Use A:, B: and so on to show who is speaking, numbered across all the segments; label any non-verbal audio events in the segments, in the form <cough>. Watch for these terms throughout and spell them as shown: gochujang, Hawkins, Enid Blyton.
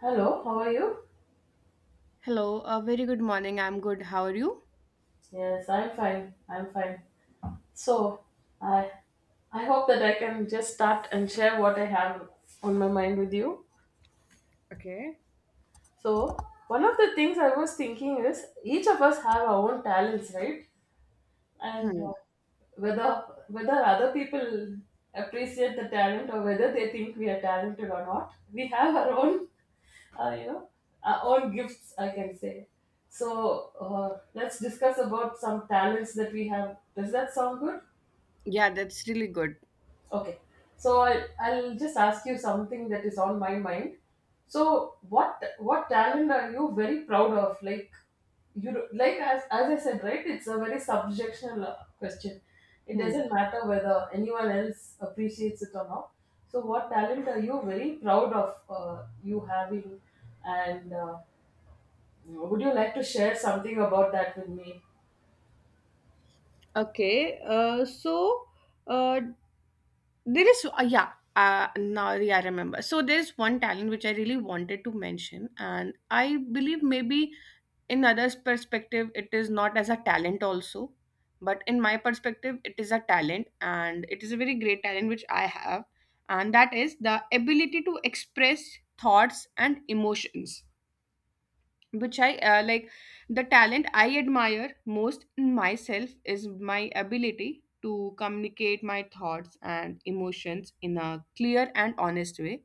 A: Hello, how are you?
B: Hello, a very good morning. I'm good. How are you?
A: Yes, I'm fine. I'm fine. So, I I hope that I can just start and share what I have on my mind with you. So, one of the things I was thinking is each of us have our own talents, right? and Whether other people appreciate the talent or whether they think we are talented or not, we have our own you know, our own gifts, I can say. So let's discuss about some talents that we have. Does that sound good?
B: Yeah, that's really good.
A: Okay, so I'll just ask you something that is on my mind. So, what talent are you very proud of? Like like as I said, right? It's a very subjectional question. It
B: Hmm.
A: doesn't matter whether anyone else appreciates it or not. So, what talent are you very proud of, you having? And would you like to share something about that with me?
B: Okay, so uh, there is, yeah, now yeah, I remember. So there's one talent which I really wanted to mention, and I believe maybe in others' perspective, it is not as a talent also, but in my perspective, it is a talent, and it is a very great talent which I have, and that is the ability to express thoughts and emotions. Which I like, the talent I admire most in myself is my ability to communicate my thoughts and emotions in a clear and honest way.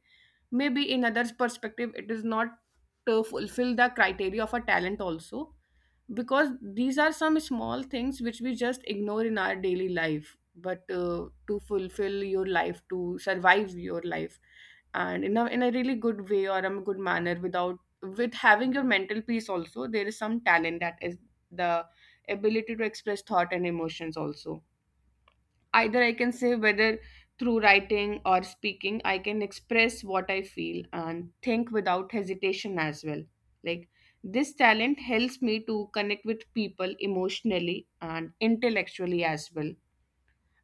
B: Maybe in others' perspective, it is not to fulfill the criteria of a talent also, because these are some small things which we just ignore in our daily life. But to fulfill your life, to survive your life, and in a really good way or a good manner without, with having your mental peace also, there is some talent, that is the ability to express thought and emotions also. Either I can say whether through writing or speaking, I can express what I feel and think without hesitation as well. Like, this talent helps me to connect with people emotionally and intellectually as well.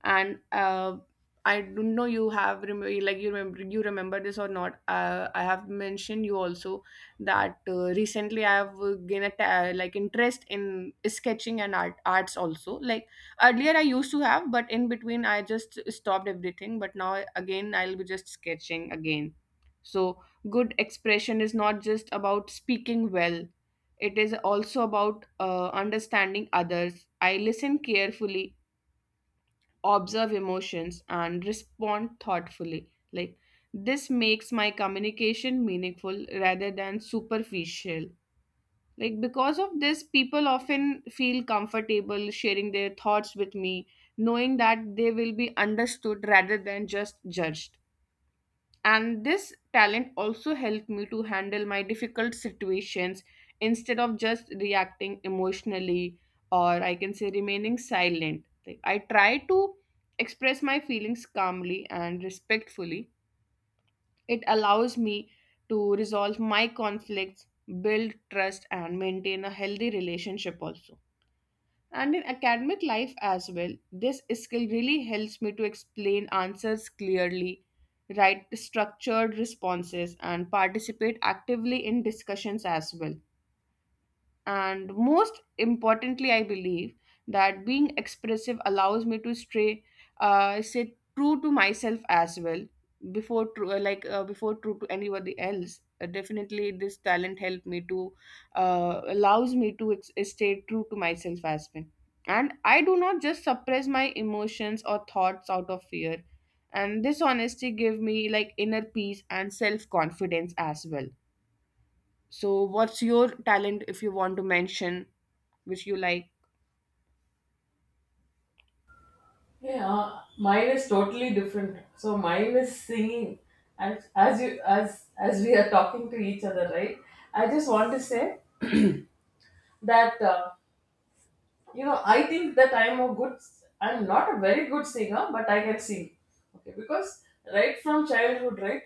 B: And I don't know, you remember this or not. I have mentioned you also that recently I have gained a ta- like interest in sketching and arts also. Like, earlier I used to have, but in between I just stopped everything. But now again I'll be just sketching again. So good expression is not just about speaking well. It is also about understanding others. I listen carefully, observe emotions, and respond thoughtfully. Like, this makes my communication meaningful rather than superficial. Like, because of this, people often feel comfortable sharing their thoughts with me, knowing that they will be understood rather than just judged. And this talent also helped me to handle my difficult situations instead of just reacting emotionally, or I can say remaining silent. Like, I try to express my feelings calmly and respectfully. It allows me to resolve my conflicts, build trust, and maintain a healthy relationship also. And in academic life as well, this skill really helps me to explain answers clearly, write structured responses, and participate actively in discussions as well. And most importantly, I believe that being expressive allows me to stay, say, true to myself as well before true, before true to anybody else. Definitely, this talent helped me to allows me to ex- stay true to myself as well. And I do not just suppress my emotions or thoughts out of fear. And this honesty gave me like inner peace and self confidence as well. So, what's your talent if you want to mention, which you like?
A: Yeah, mine is totally different. So mine is singing, and as you as we are talking to each other, right? I just want to say that you know, I think that I'm a good. I'm not a very good singer, but I can sing. Okay, because right from childhood, right,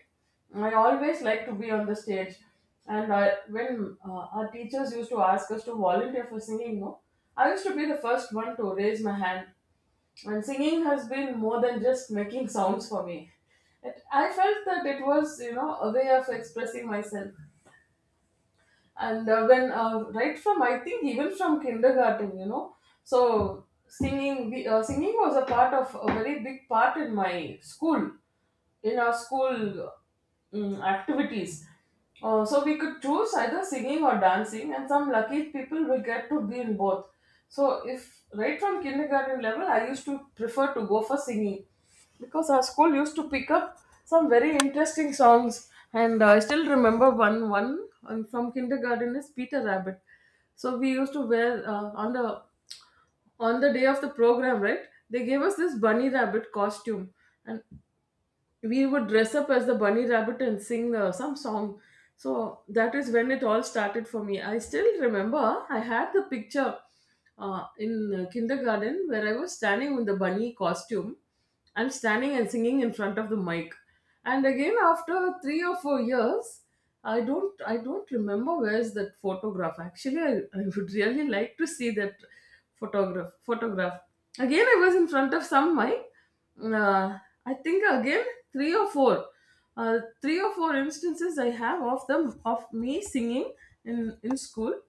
A: I always like to be on the stage, and I, when our teachers used to ask us to volunteer for singing, no, I used to be the first one to raise my hand, and singing has been more than just making <laughs> sounds for me. It, I felt that it was, you know, a way of expressing myself. And when right from, I think, even from kindergarten, you know. So singing was a part of a very big part in my school, in our school activities. So we could choose either singing or dancing, and some lucky people will get to be in both. So if right from kindergarten level, I used to prefer to go for singing, because our school used to pick up some very interesting songs, and I still remember one, from kindergarten, is Peter Rabbit. So we used to wear, on the day of the program, right, they gave us this bunny rabbit costume, and we would dress up as the bunny rabbit and sing some song. So that is when it all started for me. I still remember I had the picture in kindergarten where I was standing with the bunny costume and standing and singing in front of the mic. And again, after 3 or 4 years, I don't remember where's that photograph. Actually, I would really like to see that photograph. Again, I was in front of some mic, uh, I think again three or four, 3 or 4 instances I have of them of me singing in school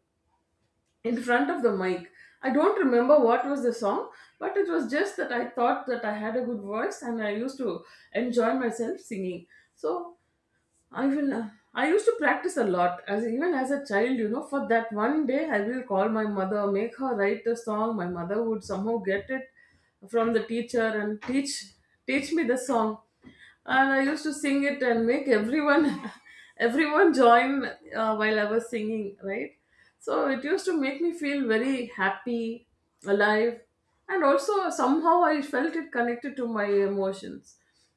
A: in front of the mic. I don't remember what was the song, but it was just that I thought that I had a good voice and I used to enjoy myself singing. So I will. I used to practice a lot, as even as a child, you know. For that one day, I will call my mother, make her write a song. My mother would somehow get it from the teacher and teach me the song, and I used to sing it and make everyone <laughs> everyone join, while I was singing. Right, so it used to make me feel very happy, alive, and also somehow I felt it connected to my emotions.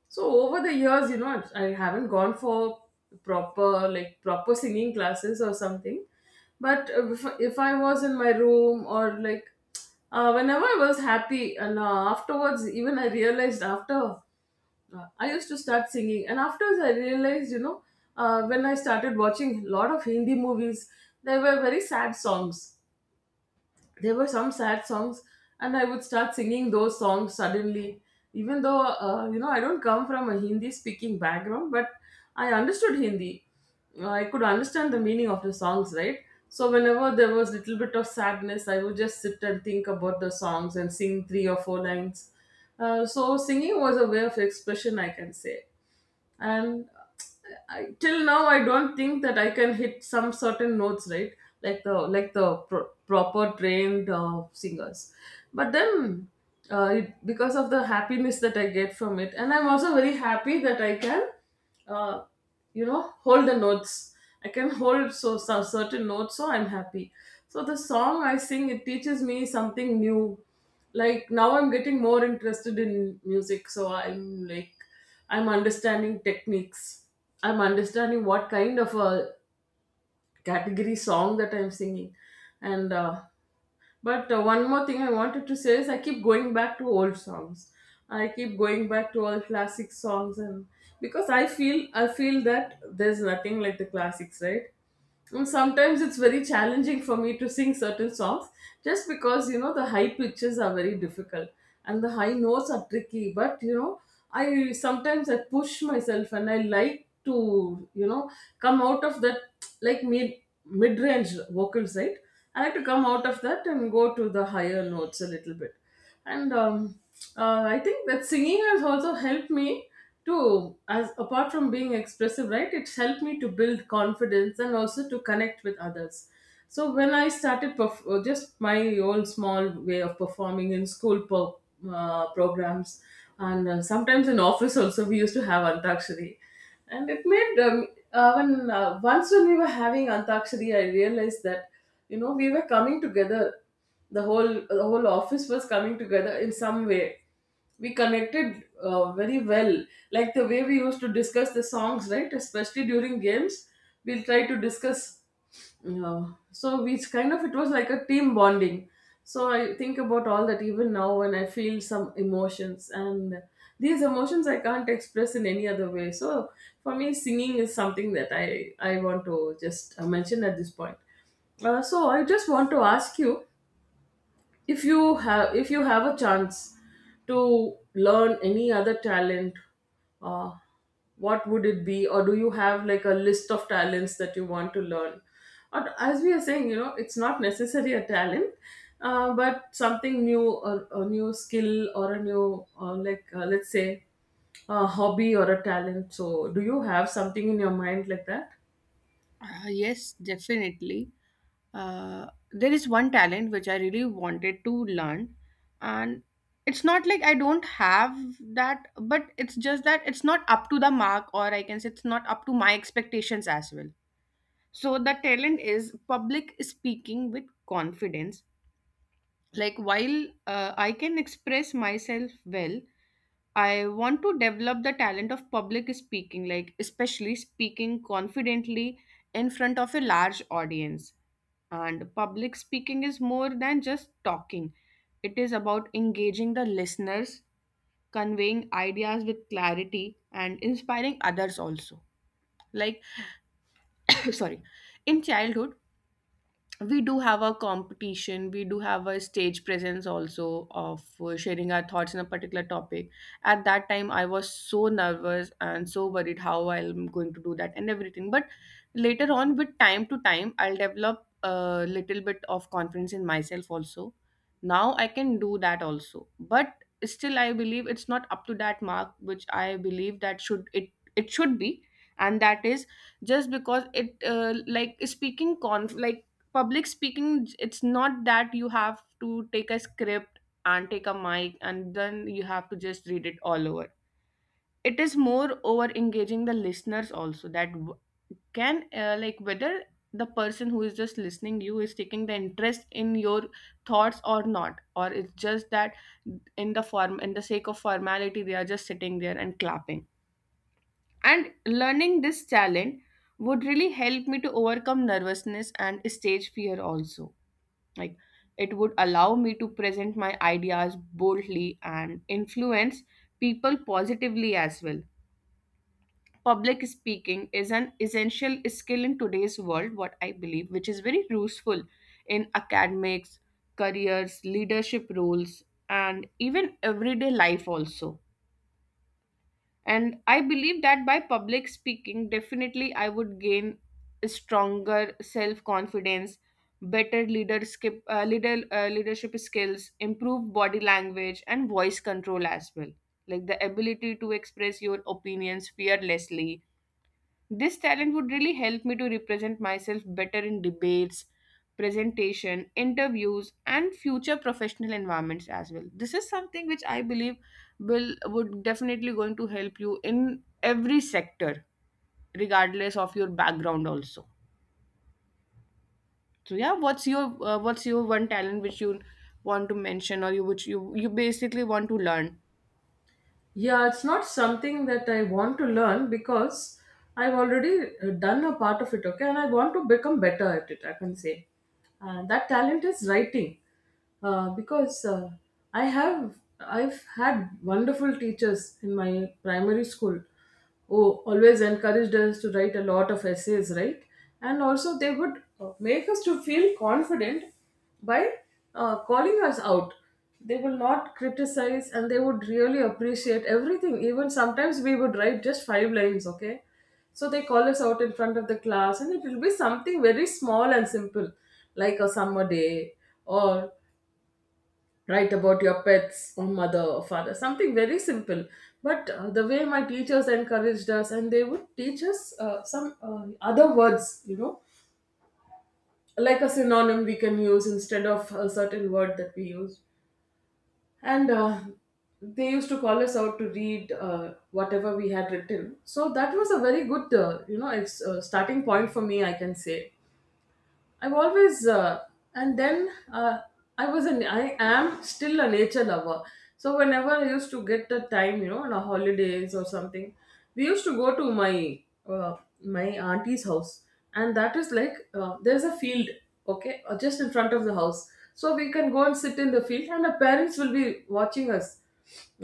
A: So over the years, you know, I have not gone for proper, like proper singing classes or something, but if I was in my room, or like whenever I was happy and afterwards, even I realized after I used to start singing and afterwards I realized, you know, when I started watching a lot of Hindi movies, there were very sad songs, there were some sad songs, and I would start singing those songs suddenly, even though you know, I don't come from a Hindi speaking background, but I understood Hindi. I could understand the meaning of the songs, right? So whenever there was little bit of sadness, I would just sit and think about the songs and sing 3 or 4 lines. So singing was a way of expression, I can say. and uh, till now I don't think that I can hit some certain notes, right, like the proper trained singers. But then, because of the happiness that I get from it, and I'm also very happy that I can uh, you know, hold the notes. I can hold so certain notes, so I'm happy. So the song I sing, it teaches me something new. Like now I'm getting more interested in music, so I'm like, I'm understanding techniques. I'm understanding what kind of a category song that I'm singing. And but one more thing I wanted to say is I keep going back to old songs. I keep going back to all classic songs, and because I feel that there's nothing like the classics, right? And sometimes it's very challenging for me to sing certain songs, just because, you know, the high pitches are very difficult and the high notes are tricky. But you know, I push myself and I like to, you know, come out of that, like mid range vocals, right? I like to come out of that and go to the higher notes a little bit. And I think that singing has also helped me to, as apart from being expressive, right, it's helped me to build confidence and also to connect with others. So when I started just my old small way of performing in school programs, and sometimes in office also, we used to have antakshari, and it made when once when we were having antakshari, I realized that, you know, we were coming together, the whole the whole office was coming together in some way. We connected very well, like the way we used to discuss the songs, right, especially during games. We'll try to discuss, uh, so we it's kind of, it was like a team bonding. So I think about all that even now when I feel some emotions, and these emotions I can't express in any other way. So for me, singing is something that I want to just mention at this point. So I just want to ask you, if you have a chance to learn any other talent, uh, what would it be? Or do you have like a list of talents that you want to learn, or as we are saying, you know, it's not necessarily a talent, but something new or a new skill or a new, let's say a hobby or a talent. So do you have something in your mind like that?
B: Yes, definitely. Uh, there is one talent which I really wanted to learn, and it's not like I don't have that, but it's just that it's not up to the mark, or I can say it's not up to my expectations as well. So, the talent is public speaking with confidence. Like, while I can express myself well, I want to develop the talent of public speaking, like especially speaking confidently in front of a large audience. And public speaking is more than just talking. It is about engaging the listeners, conveying ideas with clarity, and inspiring others also. Like, <coughs> sorry, in childhood we do have a competition, we do have a stage presence also of sharing our thoughts on a particular topic. At that time I was so nervous and so worried how I'm going to do that and everything, but later on with time to time I'll develop a little bit of confidence in myself also. Now I can do that also, but still I believe it's not up to that mark which I believe that should it it should be. And that is just because it like speaking conf like public speaking, it's not that you have to take a script and take a mic and then you have to just read it all over. It is more over engaging the listeners also, that can like, whether the person who is just listening you is taking the interest in your thoughts or not, or it's just that in the form, in the sake of formality, they are just sitting there and clapping. And learning this talent would really help me to overcome nervousness and stage fear also. Like, it would allow me to present my ideas boldly and influence people positively as well. Public speaking is an essential skill in today's world, what I believe, which is very useful in academics, careers, leadership roles, and even everyday life also. And I believe that by public speaking, definitely I would gain a stronger self confidence, better leadership leadership skills, improved body language and voice control as well. Like, the ability to express your opinions fearlessly, this talent would really help me to represent myself better in debates, presentation, interviews, and future professional environments as well. This is something which I believe will would definitely going to help you in every sector, regardless of your background also. So yeah, what's your what's your one talent which you want to mention, or you which you basically want to learn?
A: Yeah, it's not something that I want to learn, because I've already done a part of it, okay, and I want to become better at it, I can say. And that talent is writing, because I have I've had wonderful teachers in my primary school who always encouraged us to write a lot of essays, right? And also, they would make us to feel confident by calling us out. They will not criticize, and they would really appreciate everything. Even sometimes we would write just 5 lines, okay? So they call us out in front of the class, and it will be something very small and simple, like a summer day, or write about your pets or mother or father, something very simple. But the way my teachers encouraged us, and they would teach us some other words, you know, like a synonym we can use instead of a certain word that we use. And they used to call us out to read whatever we had written. So that was a very good you know, starting point for me, I can say. I've always, and then I was an, I am still a nature lover. So whenever I used to get the time, you know, on a holidays or something, we used to go to my my auntie's house, and that is like, there's a field, okay, just in front of the house. So we can go and sit in the field, and our parents will be watching us.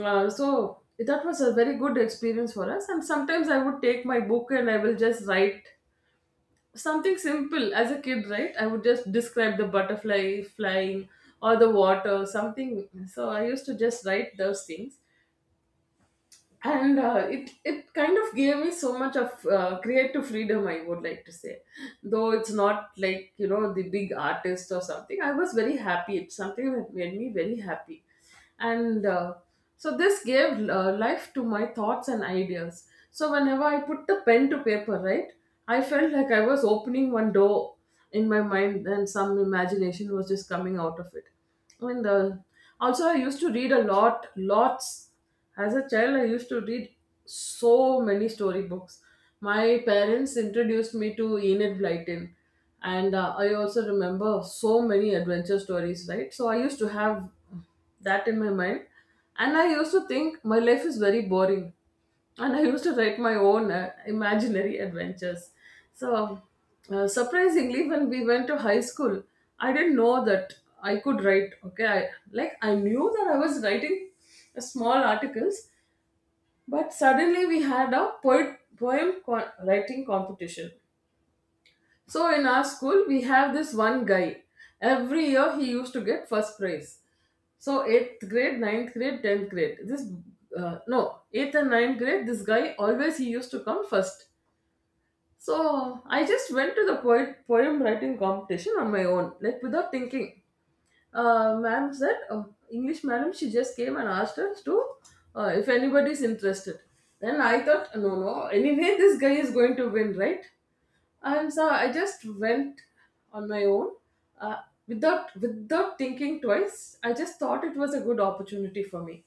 A: So that was a very good experience for us. And sometimes I would take my book and I will just write something simple, as a kid, right? I would just describe the butterfly flying or the water, something. So I used to just write those things. And it kind of gave me so much of creative freedom, I would like to say. Though it's not like, the big artist or something, I was very happy. It's something that made me very happy. And So this gave life to my thoughts and ideas. So whenever I put the pen to paper, right, I felt like I was opening one door in my mind, and some imagination was just coming out of it. And Also, I used to read a lot, lots. As a child, I used to read so many storybooks. My parents introduced me to Enid Blyton, and I also remember so many adventure stories, right? So I used to have that in my mind, and I used to think my life is very boring, and I used to write my own imaginary adventures. So, surprisingly, when we went to high school, I didn't know that I could write. Okay, like, I knew that I was writing small articles, but suddenly we had a writing competition. So in our school, we have this one guy. Every year, he used to get first prize. So eighth grade, ninth grade, tenth grade. This No, eighth and ninth grade. This guy always, he used to come first. So I just went to the poem writing competition on my own, like, without thinking. Ma'am said, English madam, she just came and asked us to, if anybody's interested. Then I thought, no, no, anyway, <laughs> this guy is going to win, right? I'm sorry, I just went on my own, uh, without thinking twice. I just thought it was a good opportunity for me.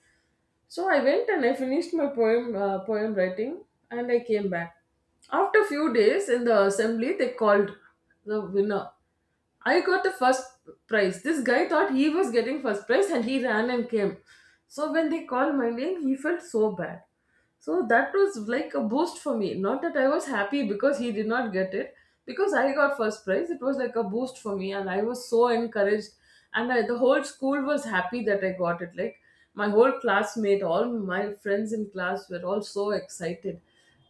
A: So I went and I finished my poem writing, and I came back. After a few days in the assembly, they called the winner. I got the first prize. This guy thought he was getting first prize and he ran and came. So when they called my name, he felt so bad. So that was like a boost for me. Not that I was happy because he did not get it, because I got first prize. It was like a boost for me, and I was so encouraged. And the whole school was happy that I got it. Like, my whole classmate, all my friends in class were all so excited.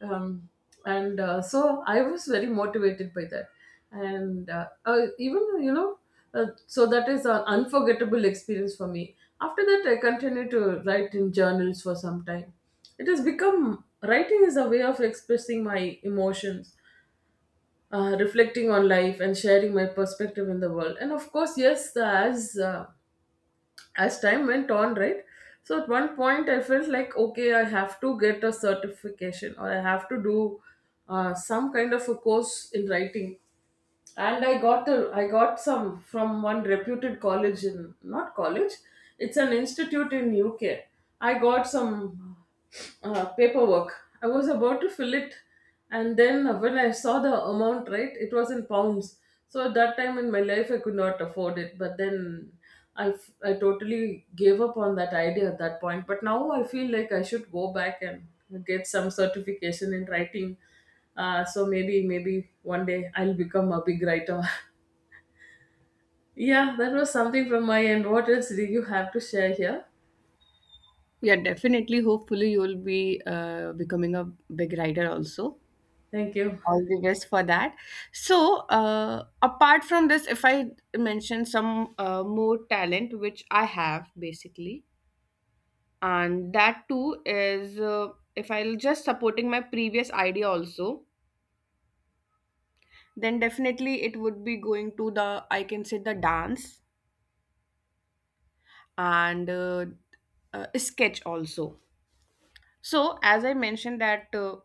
A: Um, and So I was very motivated by that. And even, you know, So that is an unforgettable experience for me. After that, I continued to write in journals for some time. It has become, writing is a way of expressing my emotions, reflecting on life, and sharing my perspective in the world. And of course, yes, as time went on, right? So at one point, I felt like, okay, I have to get a certification, or I have to do some kind of a course in writing. And I got some from one reputed college in, not college, it's an institute in UK. I got some paperwork. I was about to fill it, and then when I saw the amount, right, it was in pounds. So at that time in my life, I could not afford it. But then I totally gave up on that idea at that point. But now I feel like I should go back and get some certification in writing. So maybe one day I'll become a big writer. <laughs> Yeah, that was something from my end. What else do you have to share here?
B: Yeah, definitely. Hopefully, you'll be becoming a big writer also.
A: Thank you.
B: All the best for that. So apart from this, if I mention some more talent which I have basically, and that too is if I'll just supporting my previous idea also, then definitely it would be going to the, I can say, the dance and sketch also. So as I mentioned that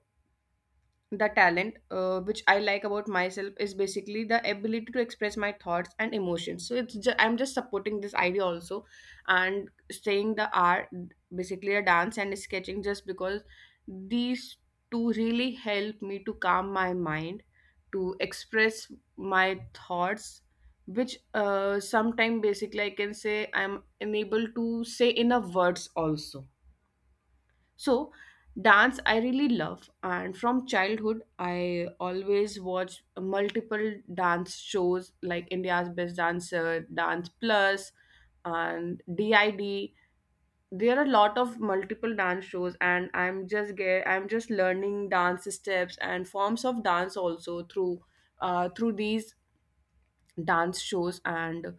B: the talent which I like about myself is basically the ability to express my thoughts and emotions, so I'm just supporting this idea also and saying the art, basically a dance and sketching, just because these two really help me to calm my mind, to express my thoughts which sometime basically I can say I'm unable to say in a words also. So, dance I really love, and from childhood, I always watch multiple dance shows like India's Best Dancer, Dance Plus, and DID. There are a lot of multiple dance shows, and I'm just learning dance steps and forms of dance also through through these dance shows. And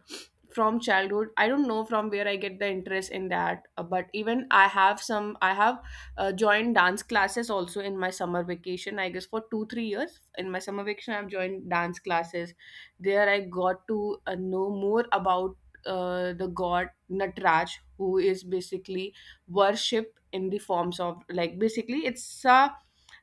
B: from childhood I don't know from where I get the interest in that, but even I have joined dance classes also in my summer vacation, I guess for 2 3 years in my summer vacation I've joined dance classes. There I got to know more about the god Natraj, who is basically worshipped in the forms of, like, basically it's a,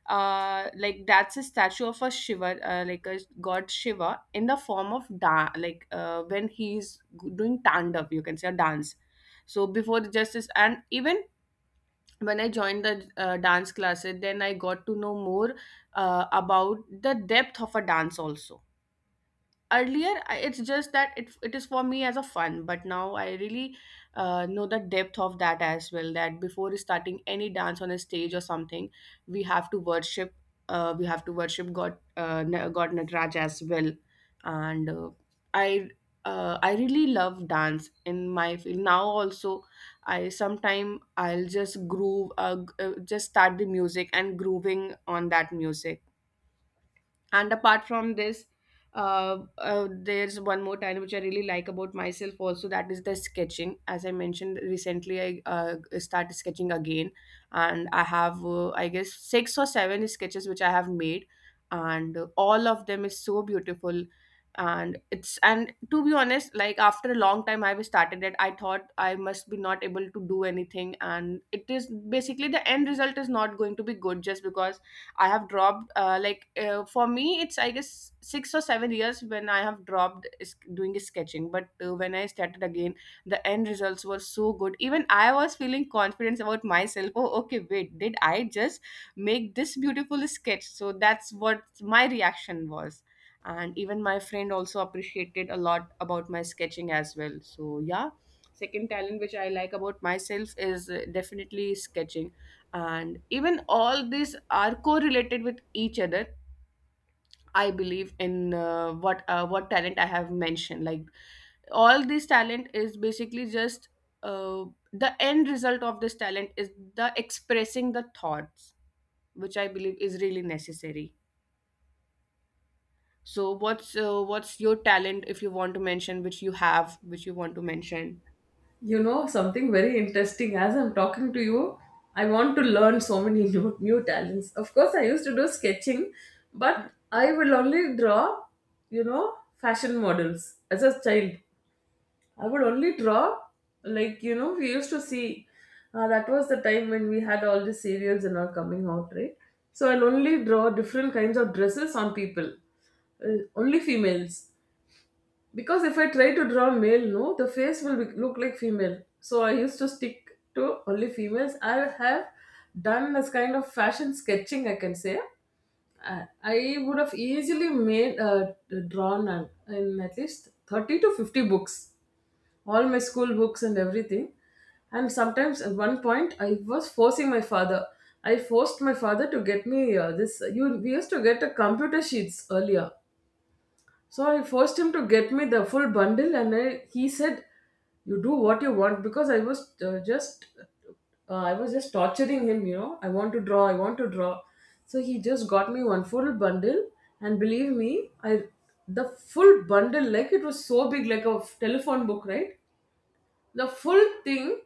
B: that's a statue of a Shiva, like a god Shiva in the form of when he's doing tandav, you can say a dance. So before the justice, and even when I joined the dance classes, then I got to know more about the depth of a dance also. Earlier it's just that it is for me as a fun, but now I really know the depth of that as well, that before starting any dance on a stage or something, we have to worship, god god Nataraj as well. And I I really love dance in my field now also. I sometime I'll just groove, just start the music and grooving on that music. And apart from this, there's one more talent which I really like about myself also, that is the sketching. As I mentioned, recently I started sketching again, and I have I guess 6 or 7 sketches which I have made, and all of them is so beautiful. And it's, and to be honest, like after a long time I've started it, I thought I must be not able to do anything and it is basically the end result is not going to be good, just because I have dropped for me it's I guess 6 or 7 years when I have dropped doing sketching. But when I started again, the end results were so good. Even I was feeling confidence about myself. Oh, okay, wait, did I just make this beautiful sketch? So that's what my reaction was. And even my friend also appreciated a lot about my sketching as well. So yeah, second talent which I like about myself is definitely sketching, and even all these are correlated with each other. I believe in what talent I have mentioned. Like, all this talent is basically just uh, the end result of this talent is the expressing the thoughts, which I believe is really necessary. So what's your talent, if you want to mention, which you have, which you want to mention?
A: You know, something very interesting. As I'm talking to you, I want to learn so many <laughs> new, new talents. Of course, I used to do sketching, but I will only draw, fashion models as a child. I would only draw, like, we used to see. That was the time when we had all the serials and all coming out, right? So I'll only draw different kinds of dresses on people, only females, because if I try to draw male, no, the face will be, look like female. So I used to stick to only females. I have done this kind of fashion sketching, I can say. I would have easily made drawn in at least 30 to 50 books, all my school books and everything. And sometimes at one point, I was forcing my father. I forced my father to get me this. You We used to get a computer sheets earlier, so I forced him to get me the full bundle, and he said, "You do what you want," because uh, just, I was just torturing him. You know, I want to draw, I want to draw. So he just got me one full bundle, and believe me, I the full bundle, like, it was so big, like a telephone book, right? The full thing,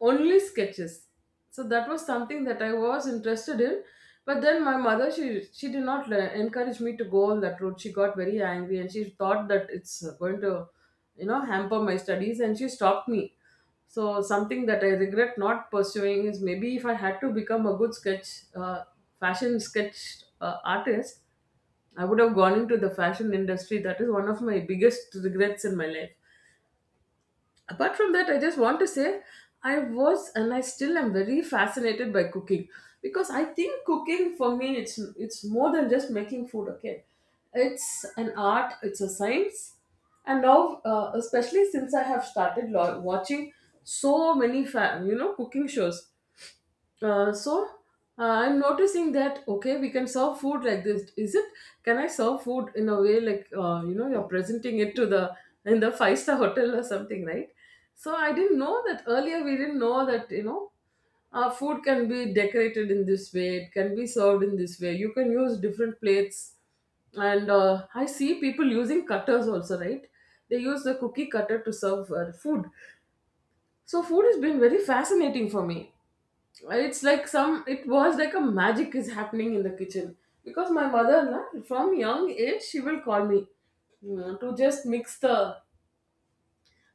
A: only sketches. So that was something that I was interested in. But then my mother, she did not encourage me to go on that road. She got very angry, and she thought that it's going to, hamper my studies, and she stopped me. So something that I regret not pursuing is, maybe if I had to become a good sketch uh, fashion sketch artist, I would have gone into the fashion industry. That is one of my biggest regrets in my life. Apart from that, I just want to say I was, and I still am, very fascinated by cooking, because I think cooking for me, it's more than just making food. Okay, it's an art, it's a science. And now, especially since I have started watching so many cooking shows, so I'm noticing that, okay, we can serve food like this. Is it? Can I serve food in a way like, you're presenting it to the, in the five star <laughs> hotel or something, right? So I didn't know that earlier. We didn't know that, food can be decorated in this way. It can be served in this way. You can use different plates, and I see people using cutters also, right? They use the cookie cutter to serve food. So food has been very fascinating for me. It's like some, it was like a magic is happening in the kitchen, because my mother na, from young age, she will call me, you know, to just mix the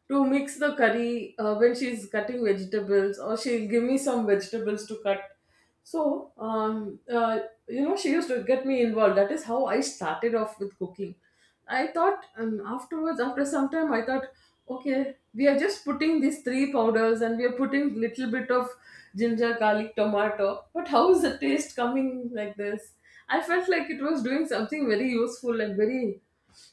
A: to mix the curry when she's cutting vegetables, or she'll give me some vegetables to cut. So she used to get me involved. That is how I started off with cooking. I thought Afterwards, after some time, I thought, okay, we are just putting these three powders and we are putting little bit of ginger, garlic, tomato, but how is the taste coming like this? I felt like it was doing something very useful and very,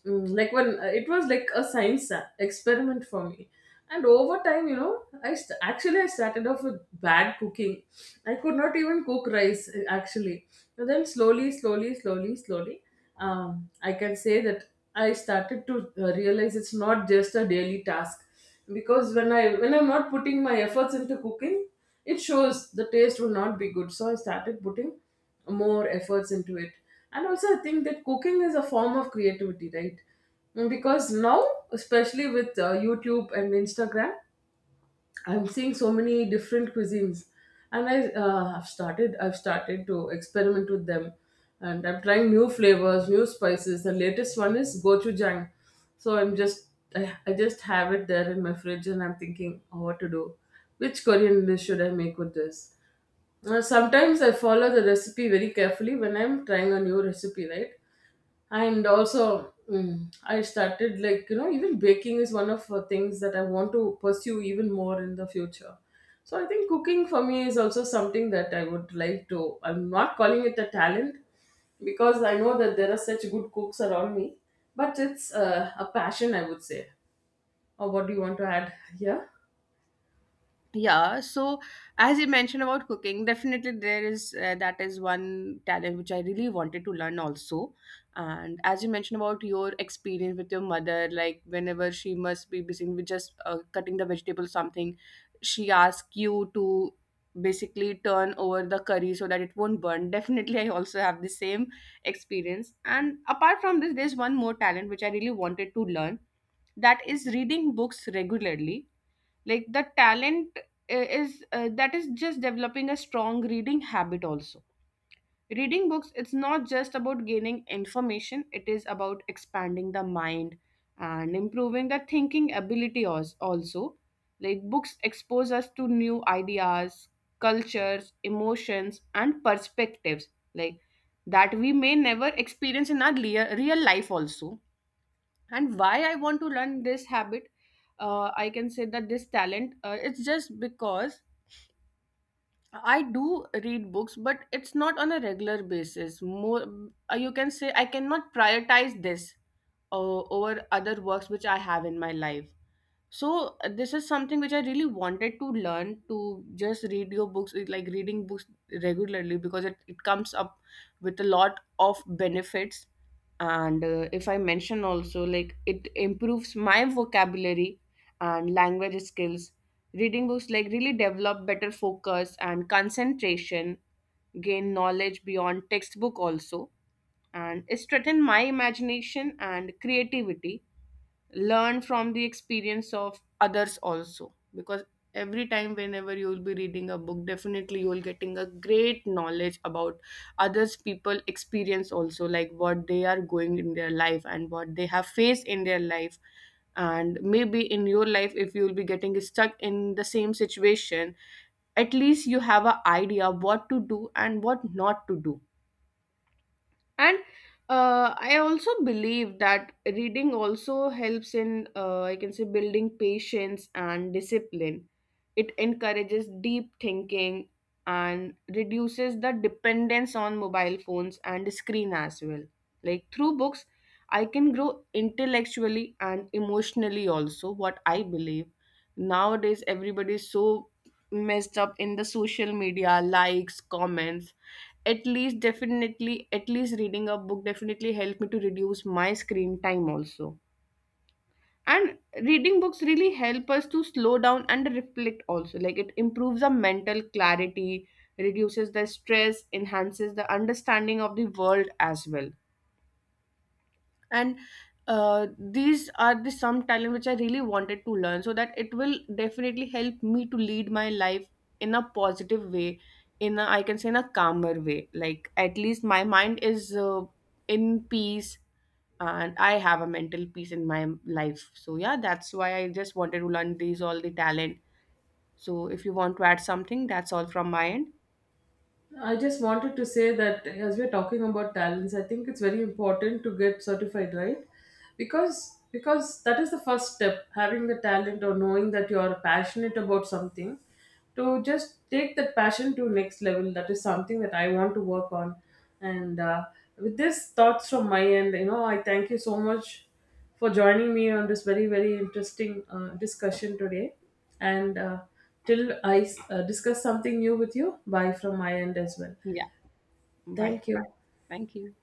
A: Like, when it was like a science experiment for me. And over time, actually, I started off with bad cooking. I could not even cook rice, actually. But then, slowly, slowly, slowly, slowly, I can say that I started to realize it's not just a daily task, because when I'm not putting my efforts into cooking, it shows the taste will not be good. So I started putting more efforts into it, and also I think that cooking is a form of creativity, right? Because now, especially with YouTube and Instagram, I'm seeing so many different cuisines, and I have started. I've started to experiment with them, and I'm trying new flavors, new spices. The latest one is gochujang, so I just have it there in my fridge, and I'm thinking, oh, what to do, which Korean dish should I make with this. Sometimes I follow the recipe very carefully when I'm trying a new recipe, right? And also, I started, like, even baking is one of the things that I want to pursue even more in the future. So I think cooking for me is also something that I would like to, I'm not calling it a talent, because I know that there are such good cooks around me, but it's a passion, I would say. Or what do you want to add here?
B: Yeah, so as you mentioned about cooking, definitely there is that is one talent which I really wanted to learn also. And as you mentioned about your experience with your mother, like whenever she must be busy with just cutting the vegetable something, she asks you to basically turn over the curry so that it won't burn. Definitely I also have the same experience. And apart from this, there's one more talent which I really wanted to learn, that is reading books regularly. Like, the talent is that is just developing a strong reading habit also. Reading books, it's not just about gaining information, it is about expanding the mind and improving the thinking ability also. Like, books expose us to new ideas, cultures, emotions and perspectives, like that we may never experience in our real life also. And why I want to learn this habit, I can say that this talent, it's just because I do read books but it's not on a regular basis. More you can say I cannot prioritize this over other works which I have in my life. So this is something which I really wanted to learn, to just read your books, like reading books regularly, because it comes up with a lot of benefits. And if I mention also, like, it improves my vocabulary and language skills. Reading books like really develop better focus and concentration, gain knowledge beyond textbook also, and strengthen my imagination and creativity, learn from the experience of others also. Because every time whenever you will be reading a book, definitely you will getting a great knowledge about others people experience also, like what they are going in their life and what they have faced in their life. And maybe in your life, if you will be getting stuck in the same situation, at least you have an idea what to do and what not to do. And I also believe that reading also helps in, I can say, building patience and discipline. It encourages deep thinking and reduces the dependence on mobile phones and screen as well. Like, through books I can grow intellectually and emotionally also, what I believe. Nowadays everybody is so messed up in the social media likes, comments. At least, definitely, at least reading a book definitely helped me to reduce my screen time also. And reading books really help us to slow down and reflect also, like it improves our mental clarity, reduces the stress, enhances the understanding of the world as well. And these are the some talent which I really wanted to learn, so that it will definitely help me to lead my life in a positive way, in a, I can say, in a calmer way. Like at least my mind is in peace, and I have a mental peace in my life. So yeah, that's why I just wanted to learn these all the talent. So if you want to add something, that's all from my end.
A: I just wanted to say that as we're talking about talents, I think it's very important to get certified, right? Because that is the first step, having the talent or knowing that you're passionate about something, to just take that passion to next level. That is something that I want to work on. And With this thoughts from my end, you know, I thank you so much for joining me on this very, very interesting discussion today. And Till I discuss something new with you, bye from my end as well.
B: Yeah. Bye.
A: Thank you.
B: Thank you.